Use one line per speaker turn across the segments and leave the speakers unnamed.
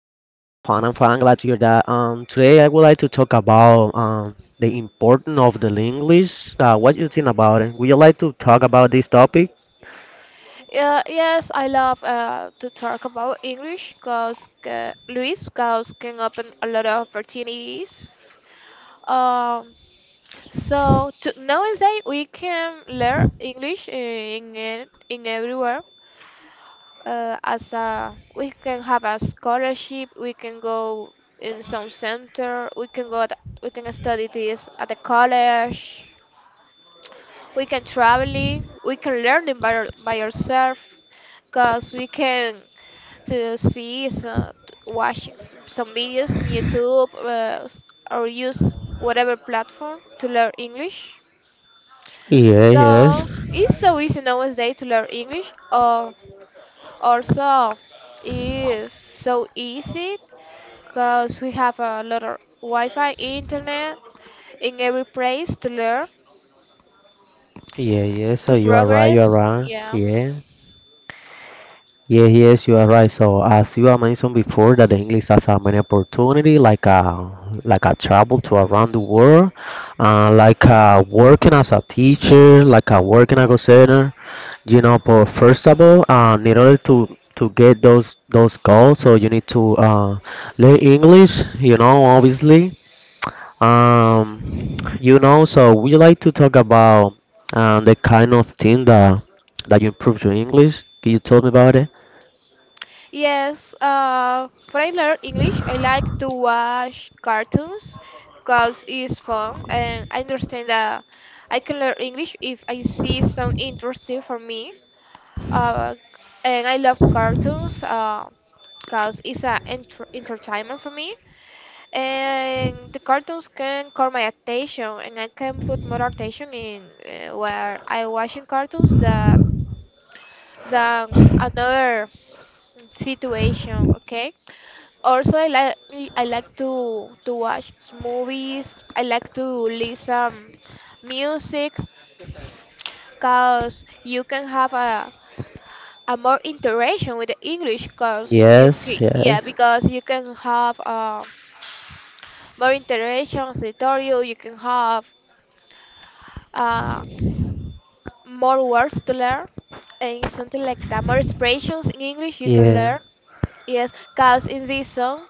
fine. I'm fine. Glad to hear that. Today I would like to talk about the importance of the English. What you think about it? Would you like to talk about this topic?
Yeah, yes, I love to talk about English because Luis, because can open a lot of opportunities. Um, Nowadays we can learn English in everywhere. As a, we can have a scholarship. We can go in some center. We can go. At, we can study this at the college. We can traveling, we can learning by, by ourselves because we can to see some, watching some videos in YouTube, or use whatever platform to learn English.
Yeah. Yes.
So it's so easy nowadays to learn English, or also it's so easy because we have a lot of wi-fi internet in every place to learn,
Yeah. Yes. So
to
you are right. You are
progress,
right.
yeah.
Yeah. Yeah, yes, you are right. So, as you have mentioned before, that the English has a many opportunity, like a travel to around the world, like working as a teacher, like a working as a center. You know, but first of all, in order to get those goals, so you need to learn English. You know, obviously. You know, so we like to talk about the kind of thing that you improve your English. Can you tell me about it?
Yes, when I learn English, I like to watch cartoons because it's fun, and I understand that I can learn English if I see some interesting for me. Uh, and I love cartoons, because it's an entertainment for me. And the cartoons can call my attention, and I can put more attention in, where I watching cartoons, that than another situation, okay? Also, I like to watch movies. I like to listen music, cause you can have a more interaction with the English, cause
Yes, yes.
yeah, because you can have, more interactions. I told you you can have, uh, more words to learn and something like that. More expressions in English you can
Yeah.
learn. Yes, cause in this song,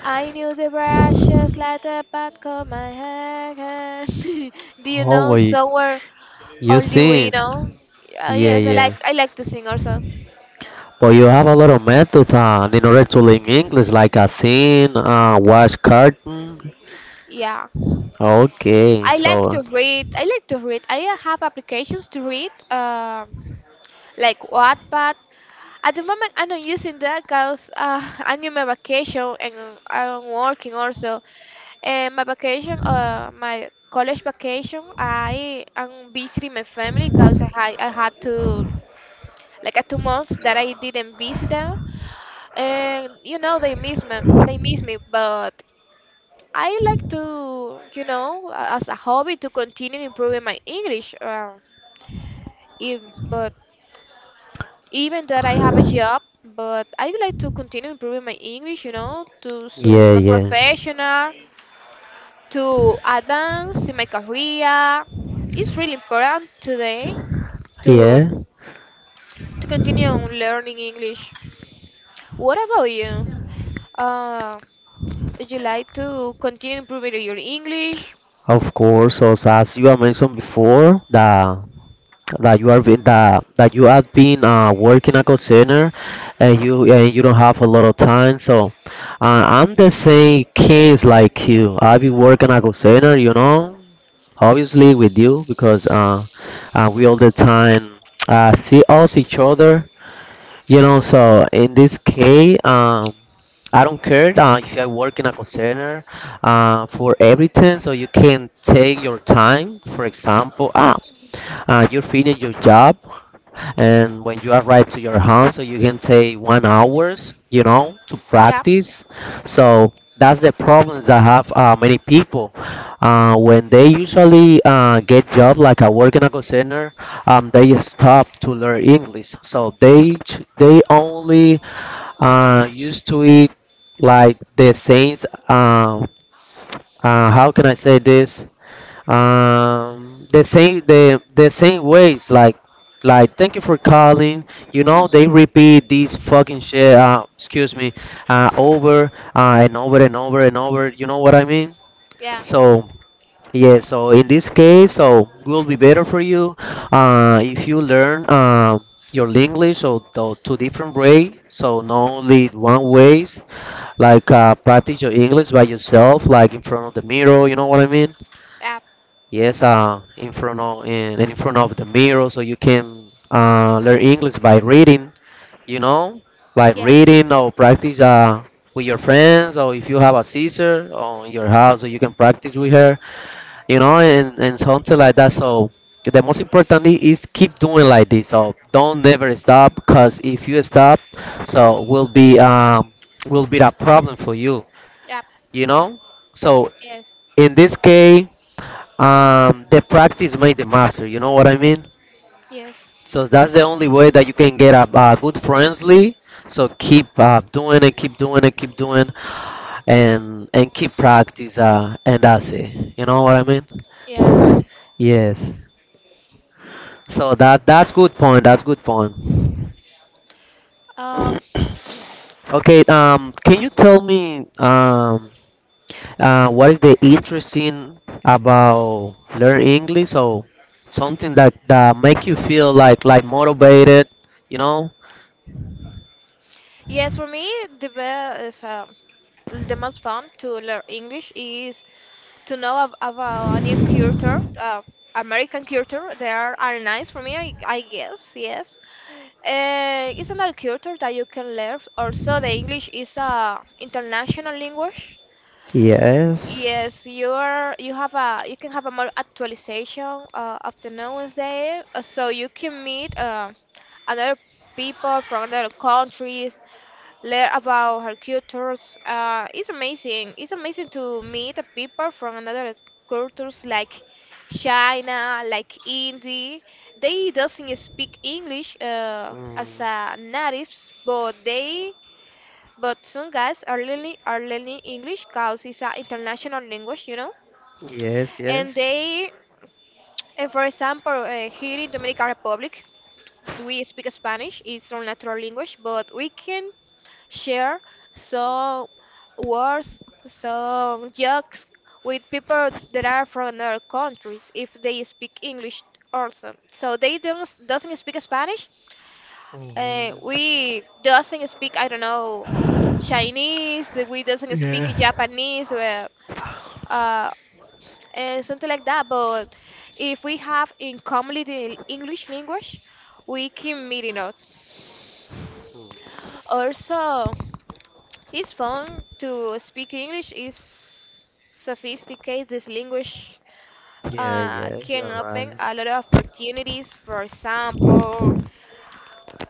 I knew the brushes like the back of my hand. Do you
Oh,
know
wait.
"Somewhere
You
Only We Know"?
seen? Yeah,
Yes,
yeah.
I like to sing also.
But you have a lot of methods on in order to learn English, like a scene, watch cartoon.
Yeah,
Okay,
I like
so
to read. I like to read. I have applications to read, like Wattpad. At the moment, I'm not using that because I'm in my vacation and I'm working also. And my vacation, my college vacation, I am visiting my family because I had to, like, a 2 months that I didn't visit them. And, you know, they miss me, but I like to, as a hobby to continue improving my English. If, but even that I have a job, but I would like to continue improving my English, you know, to soon
yeah,
my
yeah,
professional, to advance in my career. It's really important today to
yeah.
to continue on learning English. What about you? Uh, would you like to continue improving your English?
Of course. So, as you have mentioned before, that you have been working a call center, and you don't have a lot of time. So I'm the same case like you. I be working a call center, you know. Obviously with you because we all the time see us each other, you know, so in this case, I don't care, if I work in a call center, for everything. So you can take your time, for example, you finish your job, and when you arrive to your home, so you can take 1 hours, you know, to
Yep,
practice. So that's the problems that have many people. When they usually get job like a work in a call center, they stop to learn English. So they only used to it like the saints. How can I say this? The same the same ways like thank you for calling, you know, they repeat this fucking shit, excuse me, over and over and over and over, you know what I mean.
yeah,
So, yeah, so in this case, so will be better for you if you learn your English or the two different way, so not only one ways, like practice your English by yourself, like in front of the mirror, you know what I mean.
yep,
Yes, in front of the mirror, so you can learn English by reading, you know, by
yes,
reading or practice, with your friends, or if you have a sister or in your house, so you can practice with her, you know, and something like that. So the most important is keep doing like this. So don't never stop, cause if you stop, so will be a problem for you,
yep,
you know. So
yes,
in this case, the practice made the master. You know what I mean?
yes,
So that's the only way that you can get a good friendly. So keep doing and keep doing and keep doing, and keep practice. And that's it. You know what I mean?
yeah.
Yes. So that's good point. That's good point.
Um,
Okay. Can you tell me? What is the interesting about learn English? So something that make you feel like motivated, you know?
yes, for me, the best is, the most fun to learn English is to know of a new culture, American culture. They are nice for me, I guess. Yes, it's another culture that you can learn. Also, the English is a international language.
Yes.
Yes, you are. You have a. You can have a more actualization, of the knowledge there, so you can meet, other people from other countries, learn about her cultures. It's amazing. It's amazing to meet the people from another cultures like China, like India. They doesn't speak English, as
Mm,
a natives, but they but some guys are learning English because it's an international language, you know.
yes,
And
yes.
they, and for example, here in Dominican Republic, we speak Spanish. It's our natural language, but we can share some words, some jokes with people that are from other countries if they speak English also. So they don't doesn't speak Spanish.
Mhm.
We doesn't speak, I don't know, Chinese. We doesn't speak
Yeah.
Japanese. Well, uh, and something like that. But if we have in common the English language, we can meet in us. Also, his phone to speak English is sophisticated. This language,
Yeah, yes,
can
you're
open
right.
a lot of opportunities. For example,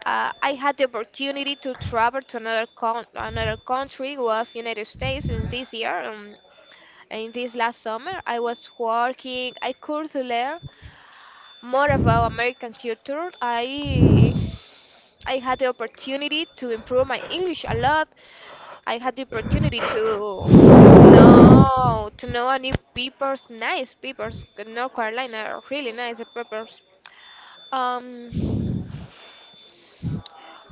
I had the opportunity to travel to another con another country, was United States, in this year. In this last summer, I was working. I could learn more about American culture. I had the opportunity to improve my English a lot. I had the opportunity to no to know a new peppers, nice peppers. North Carolina are really nice peppers. Um,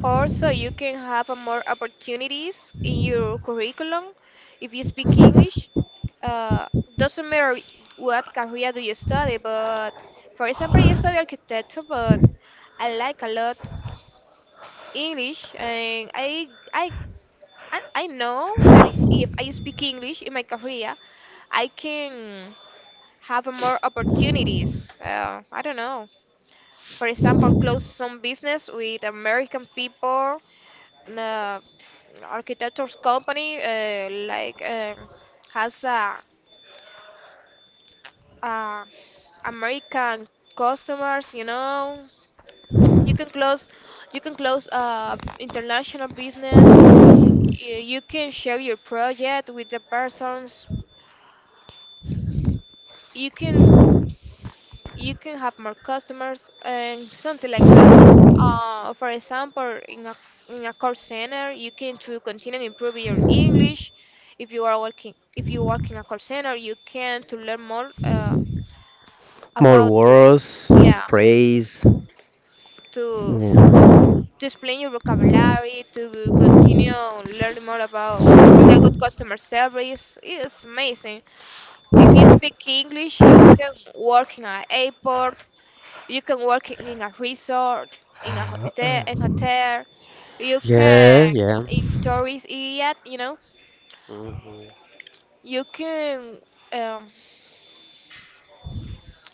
also you can have a more opportunities in your curriculum if you speak English. Uh, doesn't matter what career do you study, but for example, you study architecture, but I like a lot English, and I I know that it, if I speak English in my career, I can have more opportunities. I don't know. For example, close some business with American people, uh, architectures company, like, has, uh, American customers. You know, you can close you can close, international business. You can share your project with the persons. You can you can have more customers and something like that. For example, in a call center, you can to continue improving your English. If you work in a call center, you can to learn more,
More
about to,
words,
yeah,
phrase.
to
Yeah.
to explain your vocabulary, to continue learning more about to bring a good customer service. It's amazing. If you speak English, you can work in an airport. You can work in a resort, in a hotel, in hotel. You
Yeah,
can
yeah.
in tourist area, you know.
Hmm.
You can, um,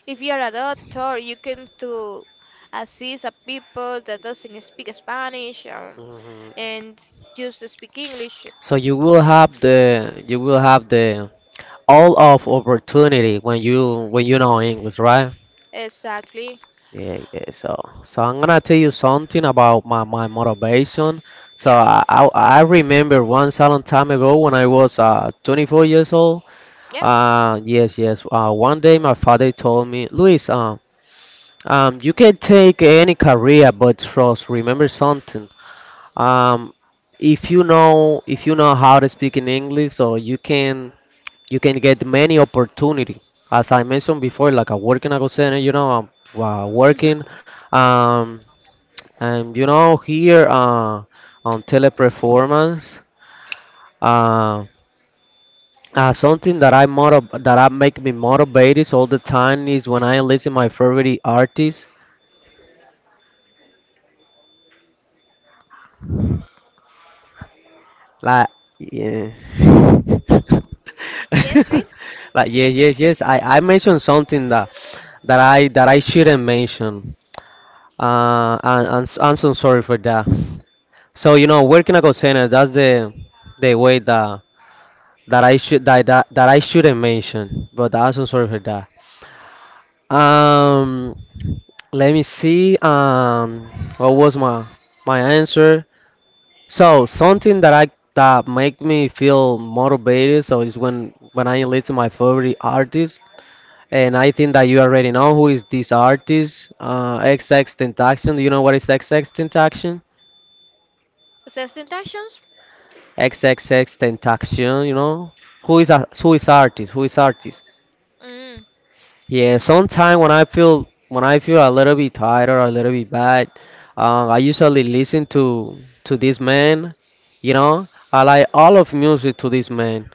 if you are a doctor, you can to assist a people that doesn't speak Spanish,
Hmm.
and just speak English.
So you will have the all of opportunity when you know English, right?
Exactly.
Yeah, yeah. So I'm gonna tell you something about my motivation. So
Yeah.
I remember once a long time ago when I was 24 years old.
Yeah.
Yes, yes. One day my father told me, Luis, you can take any career, but trust. Remember something. Um, if you know how to speak in English, so you can get many opportunity as I mentioned before, like I work in a call center, you know. I'm working,
Hmm.
um and you know, here on teleperformance. uh, Something that I make me motivated all the time is when I listen my favorite artist, like. Yeah.
Yes, Luis.
Like, yes, yes, yes, I mentioned something that I shouldn't mention. I'm so sorry for that. So you know, working a call center, that's the way that I should that I shouldn't mention. But I'm so sorry for that. Um, Let me see. What was my answer? So something that make me feel motivated. So is when I listen my favorite artist, and I think that you already know who is this artist. XX Tentacion. Do you know what is XX
Sexta intentions?
XXX Tentacion, you know? Who is artist? Who is artist?
Mm,
Yeah,
that's
sometimes when I feel a little bit tired or a little bit bad, I usually listen to this man, you know? I like all of music to this man.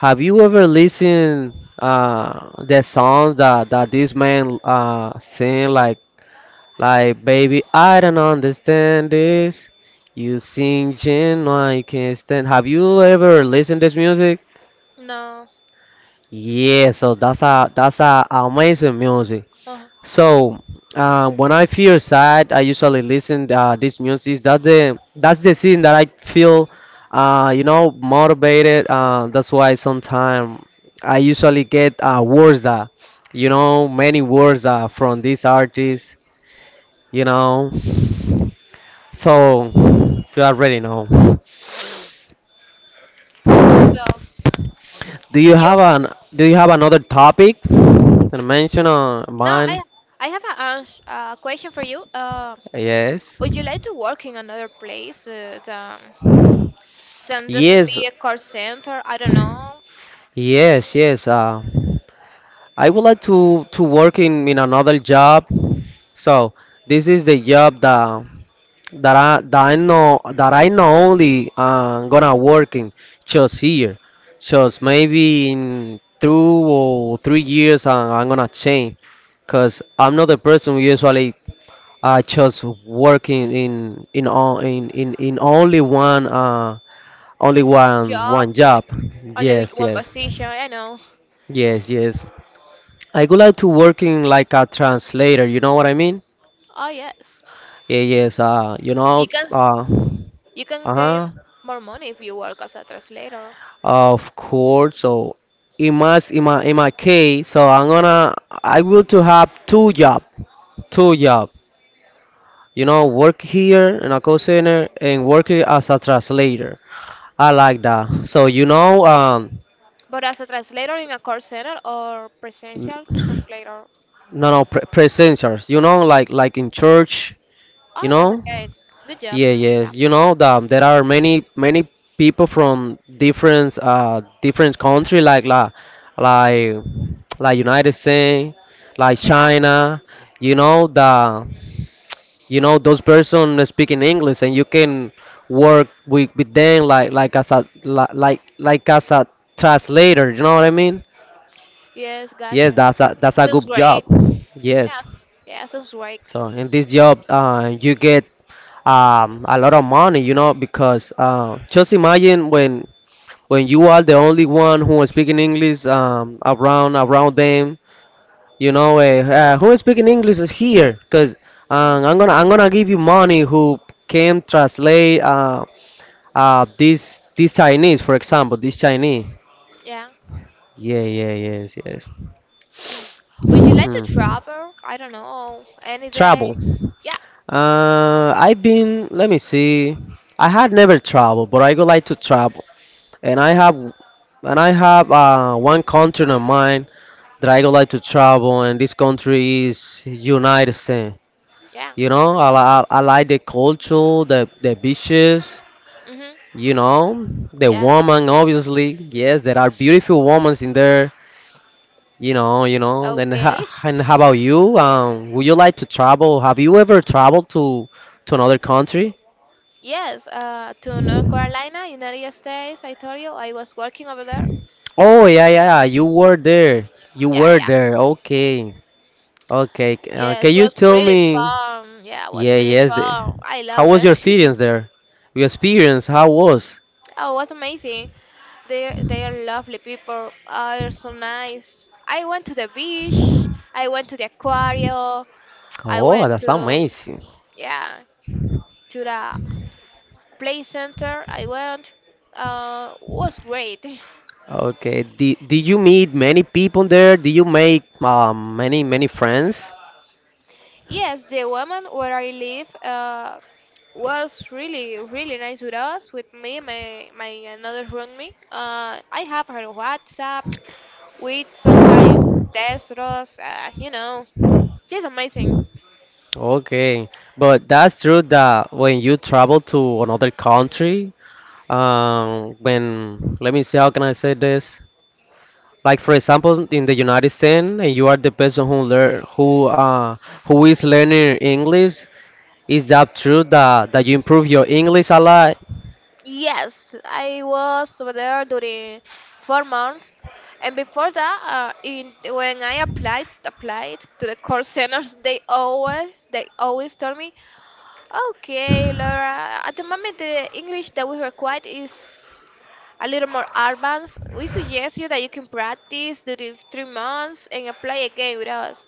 Have you ever listened the songs that this man sing, like baby, I don't understand this. You sing Jin, I can't stand. Have you ever listened this music?
no.
Yeah, so that's a amazing music.
uh
So when I feel sad, I usually listen this music. That's the scene that I feel, you know, motivated. That's why sometimes I usually get words that, you know, many words from this artist. You know, so you already know.
So
Do you
you.
have an Do you have another topic to mention or
Now
mine?
I have a a question for you.
Yes.
Would you like to work in another place, than doesn't
Yes,
be a call center? I don't know,
yes, yes. I would like to work in another job. So this is the job that I know only gonna work in just here. Just maybe in 2 or 3 years I'm gonna change, cause I'm not the person who usually just working in o- in in only one Only one
job,
one
only
job.
only
Yes,
one
yes,
position. I know.
yes, yes. I would like to work in like a translator. You know what I mean?
Oh yes,
Yeah, yes. You
you
know.
can s- you can gain
Uh-huh.
more money if you work as a translator.
Of course. So, in my s- in my case, so I will to have two job, two job. You know, work here in a call center and work as a translator. I like that. So you know,
But as a translator in a call center or
no,
presential translator,
no, presenters. You know, like in church. You
oh that's
know?
okay. Good job.
Yeah,
Yeah.
yes. You know that there are many people from different country, like United States, like
Yeah.
China. You know the you know those person speaking English, and you can work with them like as a translator. You know what I mean?
Yes,
Yes,
gotcha.
that's a
Sounds
good job.
great.
Yes.
Yes. Yeah, sounds great.
So in this job, you get a lot of money, you know, because just imagine when you are the only one who is speaking English, around them, you know, who is speaking English is here, cause I'm gonna give you money who can translate, this Chinese, for example, this Chinese.
Yeah.
Yeah, yeah, yes, yes.
Would you like to
Hmm.
travel? I don't know. Any
Travel.
day? Yeah.
I've been, let me see. I had never traveled, but I would like to travel. And I have and I have one country in mind that I would like to travel, and this country is United States.
Yeah.
You know, I like the culture, the beaches,
Mm-hmm.
you know, the
Yes.
woman obviously. Yes, there are beautiful women in there. You know, you know.
Okay.
And how about you? Would you like to travel? Have you ever traveled to another country?
Yes. To North Carolina, United States. I told you I was working over there.
Oh, yeah, yeah, yeah. You were there. You
Yeah.
were
Yeah.
there. Okay, okay. Can
Yes.
you
Was
tell
really
me?
fun. Yeah. Was
Yeah,
really
yes.
fun. I
How
love
was
them.
your experience there? Your experience, how was?
Oh, it was amazing. They are lovely people. Ah, they're so nice. I went to the beach. I went to the aquarium. I
Oh,
went
that's
to,
amazing.
yeah, to the play center. I went, was great.
Okay. Did you meet many people there? Did you make many friends?
Yes, the woman where I live, was really, really nice with us, with me, my another roommate. I have her WhatsApp. We sometimes text us, you know. She's amazing.
Okay, but that's true that when you travel to another country, when let me see, how can I say this? Like, for example, in the United States, and you are the person who is learning English. Is that true that you improve your English a lot?
Yes, I was over there during 4 months, and before that, in when I applied to the call centers, they always told me, okay, Laura. At the moment, the English that we require is a little more advanced. We suggest you that you can practice during 3 months and apply again with us.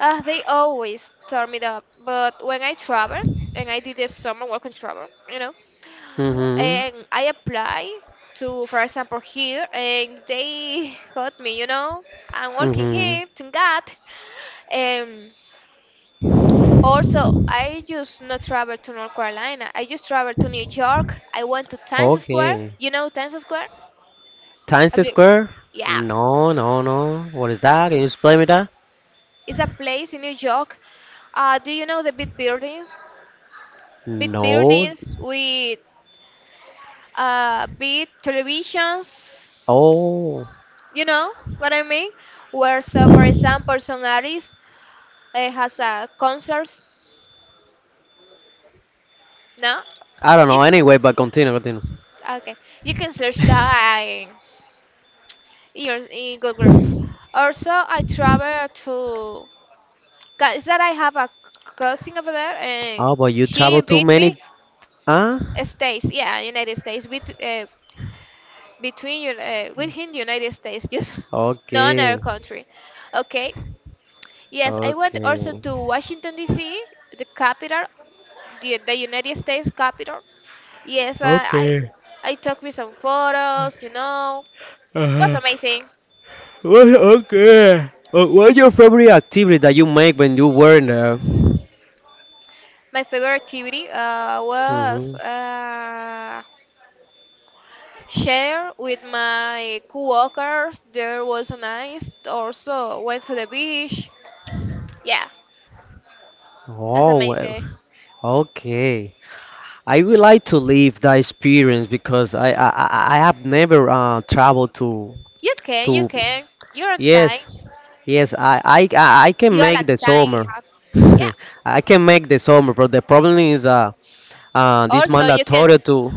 They always turn it up, but when I travel and I did this summer working travel, you know,
Mm-hmm.
and I apply to, for example, here, and they got me, you know. I'm working
Mm-hmm.
here, thank God. Um, also, I just not travel to North Carolina. I just travel to New York. I went to Times Square.
Okay.
You know Times Square?
Times
Have you?
Square?
Yeah,
No, no, no. What is that? Can you explain me that?
it's a place in New York. Do you know the big buildings? Big
No.
buildings with, big televisions.
Oh.
You know what I mean? Where, so for example, some artist, has a concert. No,
I don't
you
know. Anyway, but continue, continue.
okay? You can search that years in Google. Also, I travel to, 'cause that I have a cousin over there, and
Oh, but you
she
travel too
beat
many.
me
Huh?
states. Yeah, United States with, between you, within United States, just no another
Okay.
country. Okay. Yes, I went also
Okay.
to Washington D.C., the capital, the United States capital. Yes,
Okay.
I took me some photos. You know, it was
Uh-huh.
amazing.
Well, okay. What's your favorite activity that you make when you were in there?
My favorite activity, was,
Hmm.
share with my coworkers. There was nice. Also went to the beach. Yeah, that's
Oh, well.
amazing.
Okay. I would like to live that experience because I have never traveled to
You can, you
to
can. You're on time.
Yes, yes, I can
You are at
make the
time.
summer.
Yeah.
I can make the summer, but the problem is this
Also, you can.
mandatory to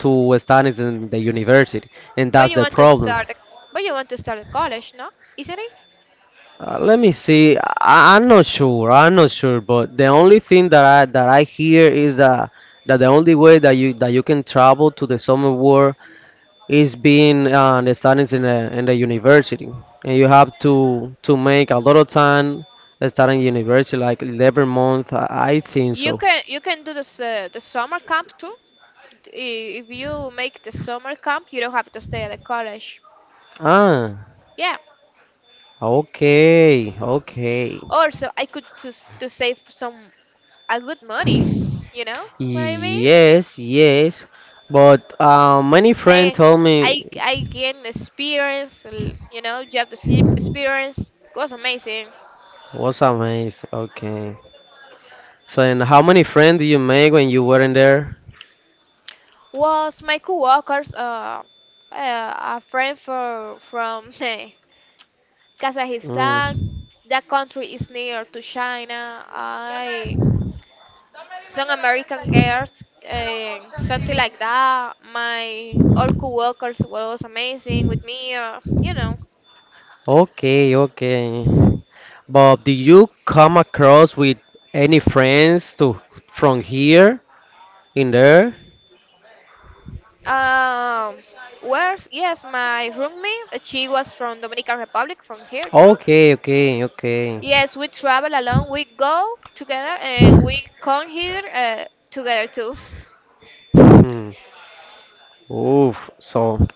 to studies in the university, and
But
that's
you
the
want to
problem.
start. But you want to start a college, no? Isn't it?
Let me see. I'm not sure. I'm not sure,
Mhm.
but the only thing that I hear is that the only way that you can travel to the summer world is being the students in the university, and you have to make a lot of time studying university, like 11 month. I think so.
You can do this, the summer camp too. If you make the summer camp, you don't have to stay at the college.
Ah,
Yeah.
okay, okay.
Also, I could to to save some a good money. You know what I mean?
Yes, yes. But many friends
And
told me
I gained experience. You know, job to experience was amazing.
was amazing. Okay. So, and how many friends did you make when you weren't there?
Was my coworkers, a friend for from Kazakhstan?
Mm.
That country is near to China. I some American girls and something like that. My all co-workers was amazing with me. You know,
Okay, okay. But did you come across with any friends to from here in there?
Um, where's yes, my roommate, she was from Dominican Republic, from here too.
Okay, okay, okay.
Yes, we travel alone, we go together, and we come here together too.
Hmm. Oof. So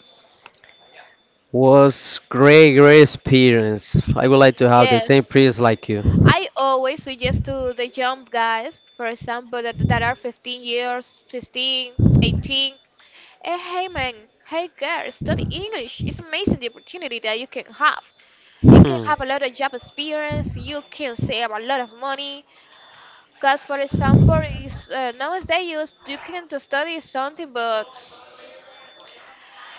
was great, great experience. I would like to have the same
Yes.
experience like you.
I always suggest to the young guys, for example, that are 15 years, 16, 18, hey man, hey girl, study English. It's amazing the opportunity that you can have. You can
Hmm.
have a lot of job experience, you can save a lot of money, because, for example, is, nowadays you can to study something, but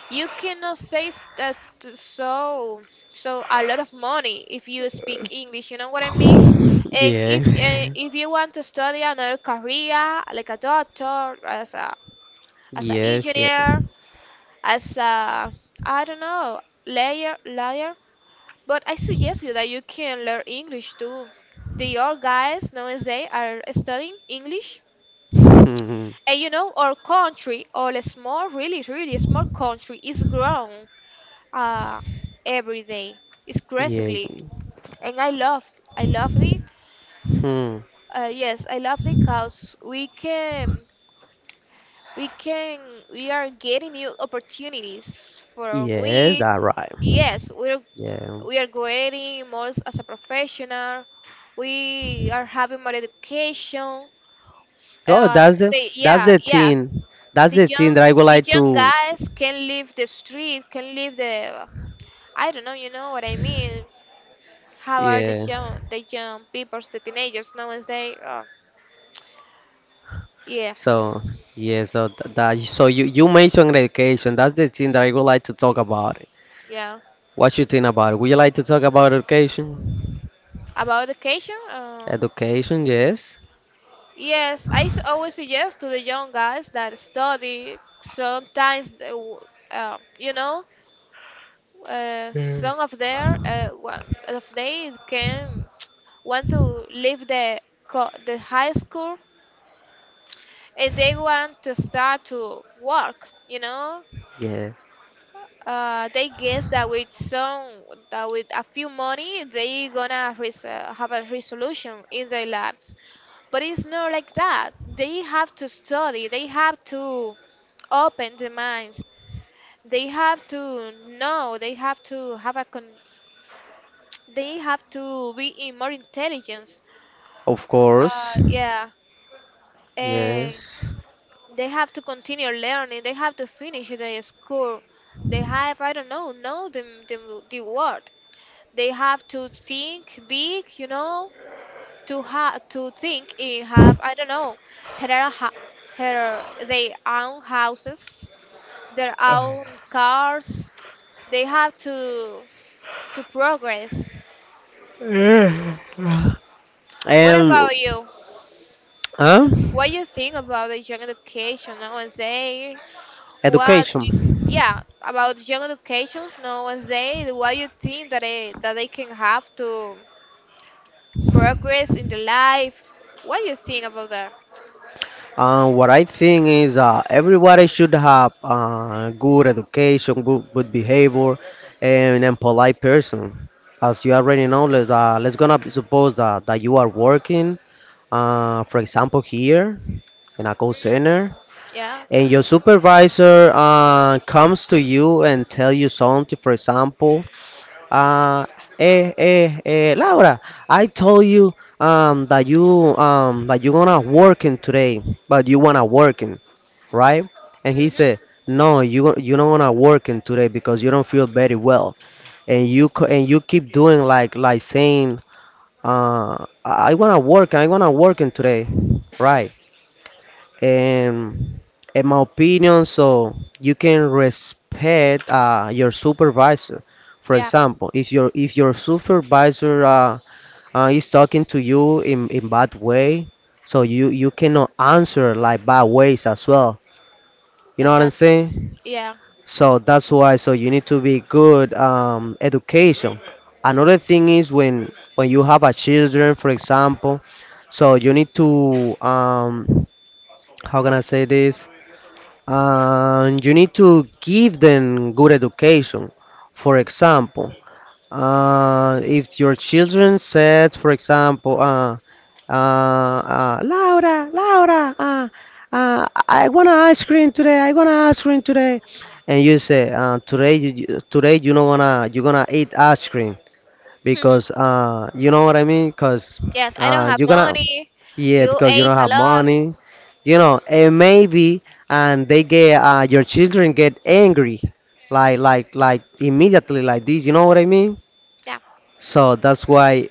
you cannot say so a lot of money if you speak English. You know what I mean? And
Yeah.
if you want to study another career, like a doctor, as a as an
Yes, yeah.
engineer, as a I don't know, lawyer. But I suggest you that you can learn English too. The old guys nowadays are studying English.
Hmm.
And you know, our country, all small, really, really small country, is grown uh, every day, it's
Yeah.
increasingly. And I love it.
Hmm.
Yes, I love it because we can, we can, we are getting new opportunities from
Yes,
it.
that right.
Yes,
Yeah.
we are growing more as a professional. We are having more education.
Oh,
Uh,
that's the
yeah, yeah,
thing. That's
the
the
young
thing that I would
the
like
young
to.
guys can leave the street, can leave the I don't know. You know what I mean? How are
Yeah.
the young people, the teenagers nowadays? Yes,
So yeah. So th- that so you mentioned education. That's the thing that I would like to talk about.
yeah,
What you think about it? Would you like to talk about education?
about education.
Education, yes.
Yes, always suggest to the young guys that study. Sometimes they w- you know
Yeah.
some of their One of they can want to leave the high school and they want to start to work, you know.
Yeah.
They guess that with some, that with a few money they gonna have a resolution in their lives, but it's not like that. They have to study, they have to open their minds, they have to know, they have to have a they have to be in more intelligence.
Of course.
Yeah. And
Yes.
they have to continue learning. They have to finish their school. They have, I don't know the the word. They have to think big, you know, to have to think in have, I don't know, her, ha- her their own houses, their own cars. They have to progress.
Uh,
What
And
about you?
huh?
What you think about the young education nowadays? What?
Education.
Yeah, about young educations nowadays. What you think that they can have to progress in their life? What you think about that?
What I think is everybody should have good education, good, good behavior, and a polite person. As you already know, let's gonna suppose that you are working, for example, here in a call
Hmm.
center,
Yeah.
and your supervisor comes to you and tell you something. For example, uh, Laura, I told you that you that you gonna working today, but you wanna working, right? And he
Hmm.
said, "No, you don't wanna work in today because you don't feel very well, and you keep doing like saying, I wanna work, I wanna work in today, right? And in my opinion, so you can respect your supervisor. For
Yeah.
example, if your supervisor is talking to you in bad way, so you cannot answer like bad ways as well. You know what I'm
Exactly.
saying?
Yeah.
So that's why. So you need to be good education. Another thing is when you have a children, for example. So you need to how can I say this? You need to give them good education. For example, if your children said, for example, Laura, Laura, I want an ice cream today. I want an ice cream today. And you say, today, today you don't wanna, you're gonna eat ice cream because, you know what I mean? Cause,
Yes, I don't have
you're gonna,
money.
yeah,
You
because you
ate
don't
a
have
lot.
money. And maybe, and they get, your children get angry, like immediately, like this. You know what I mean?
Yeah.
So that's why,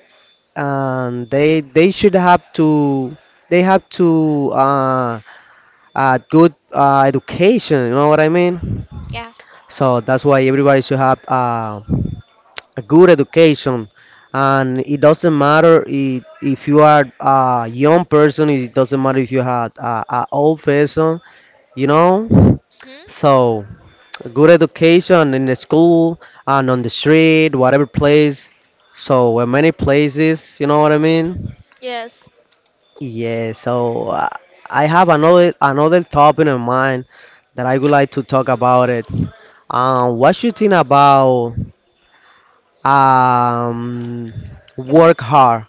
and they should have to they have to good education. You know what I mean?
Yeah.
So that's why everybody should have a good education. And it doesn't matter if you are a young person, it doesn't matter if you are a old person, you know?
Hmm.
So, good education in the school and on the street, whatever place. So, in many places, you know what I mean?
Yes.
Yeah, so I have another topic in mind that I would like to talk about it. What you think about um
Quiero que
work
sea algo.
hard,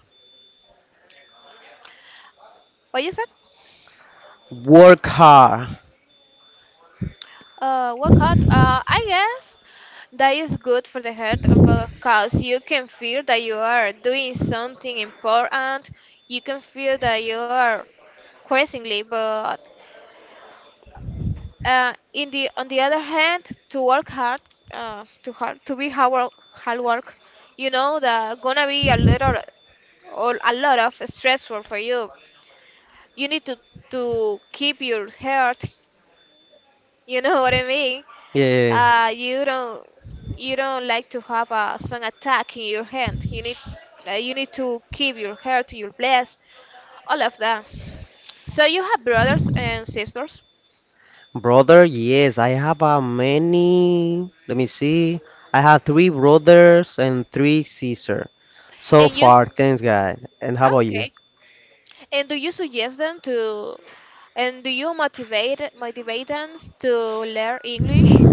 What you said?
work hard?
Workout, I guess that is good for the health because you can feel that you are doing something important. You can feel that you are crazingly. But in the on the other hand, to work hard, to be hard work, you know that gonna be a little or a lot of stressful for you. You need to keep your health. You know what I mean?
Yeah,
Uh, you don't you don't like to have a sun attack in your hand. You need to keep your hair to your place, all of that. So you have brothers and sisters,
brother. Yes, I have a many. Let me see. I have three brothers and three sisters so
and you s-
far. Thanks, God. And how about you?
okay. And do you suggest them to, and do you motivate them to learn English?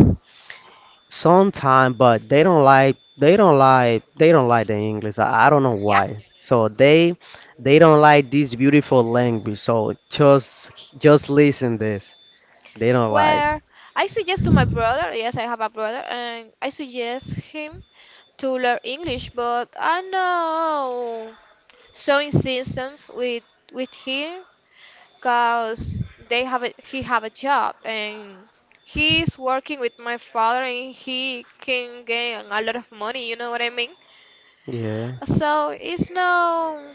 Sometime, but they don't like they don't like they don't like the English. I don't know
Yeah.
why. So they don't like this beautiful language. So just listen this. They don't like.
Well, I suggest to my brother. Yes, I have a brother, and I suggest him to learn English. But I know, so insistence with him because they have a, he have a job and he's working with my father and he can gain a lot of money, you know what I mean?
Yeah.
So it's no,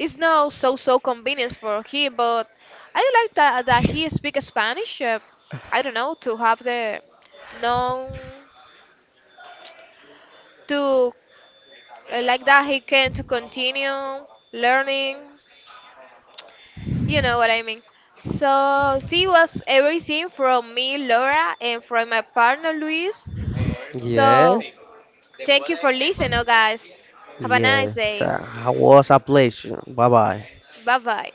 it's no so so convenience for him, but I do like that that he speak spanish. I don't know, to have the, no, to like that he can to continue learning. You know what I mean. So she was everything from me, Laura, and from my partner, Luis. So
Yes.
thank you for listening, oh guys. Have a nice
Yes. So,
day.
I was a pleasure. Bye bye.
Bye bye.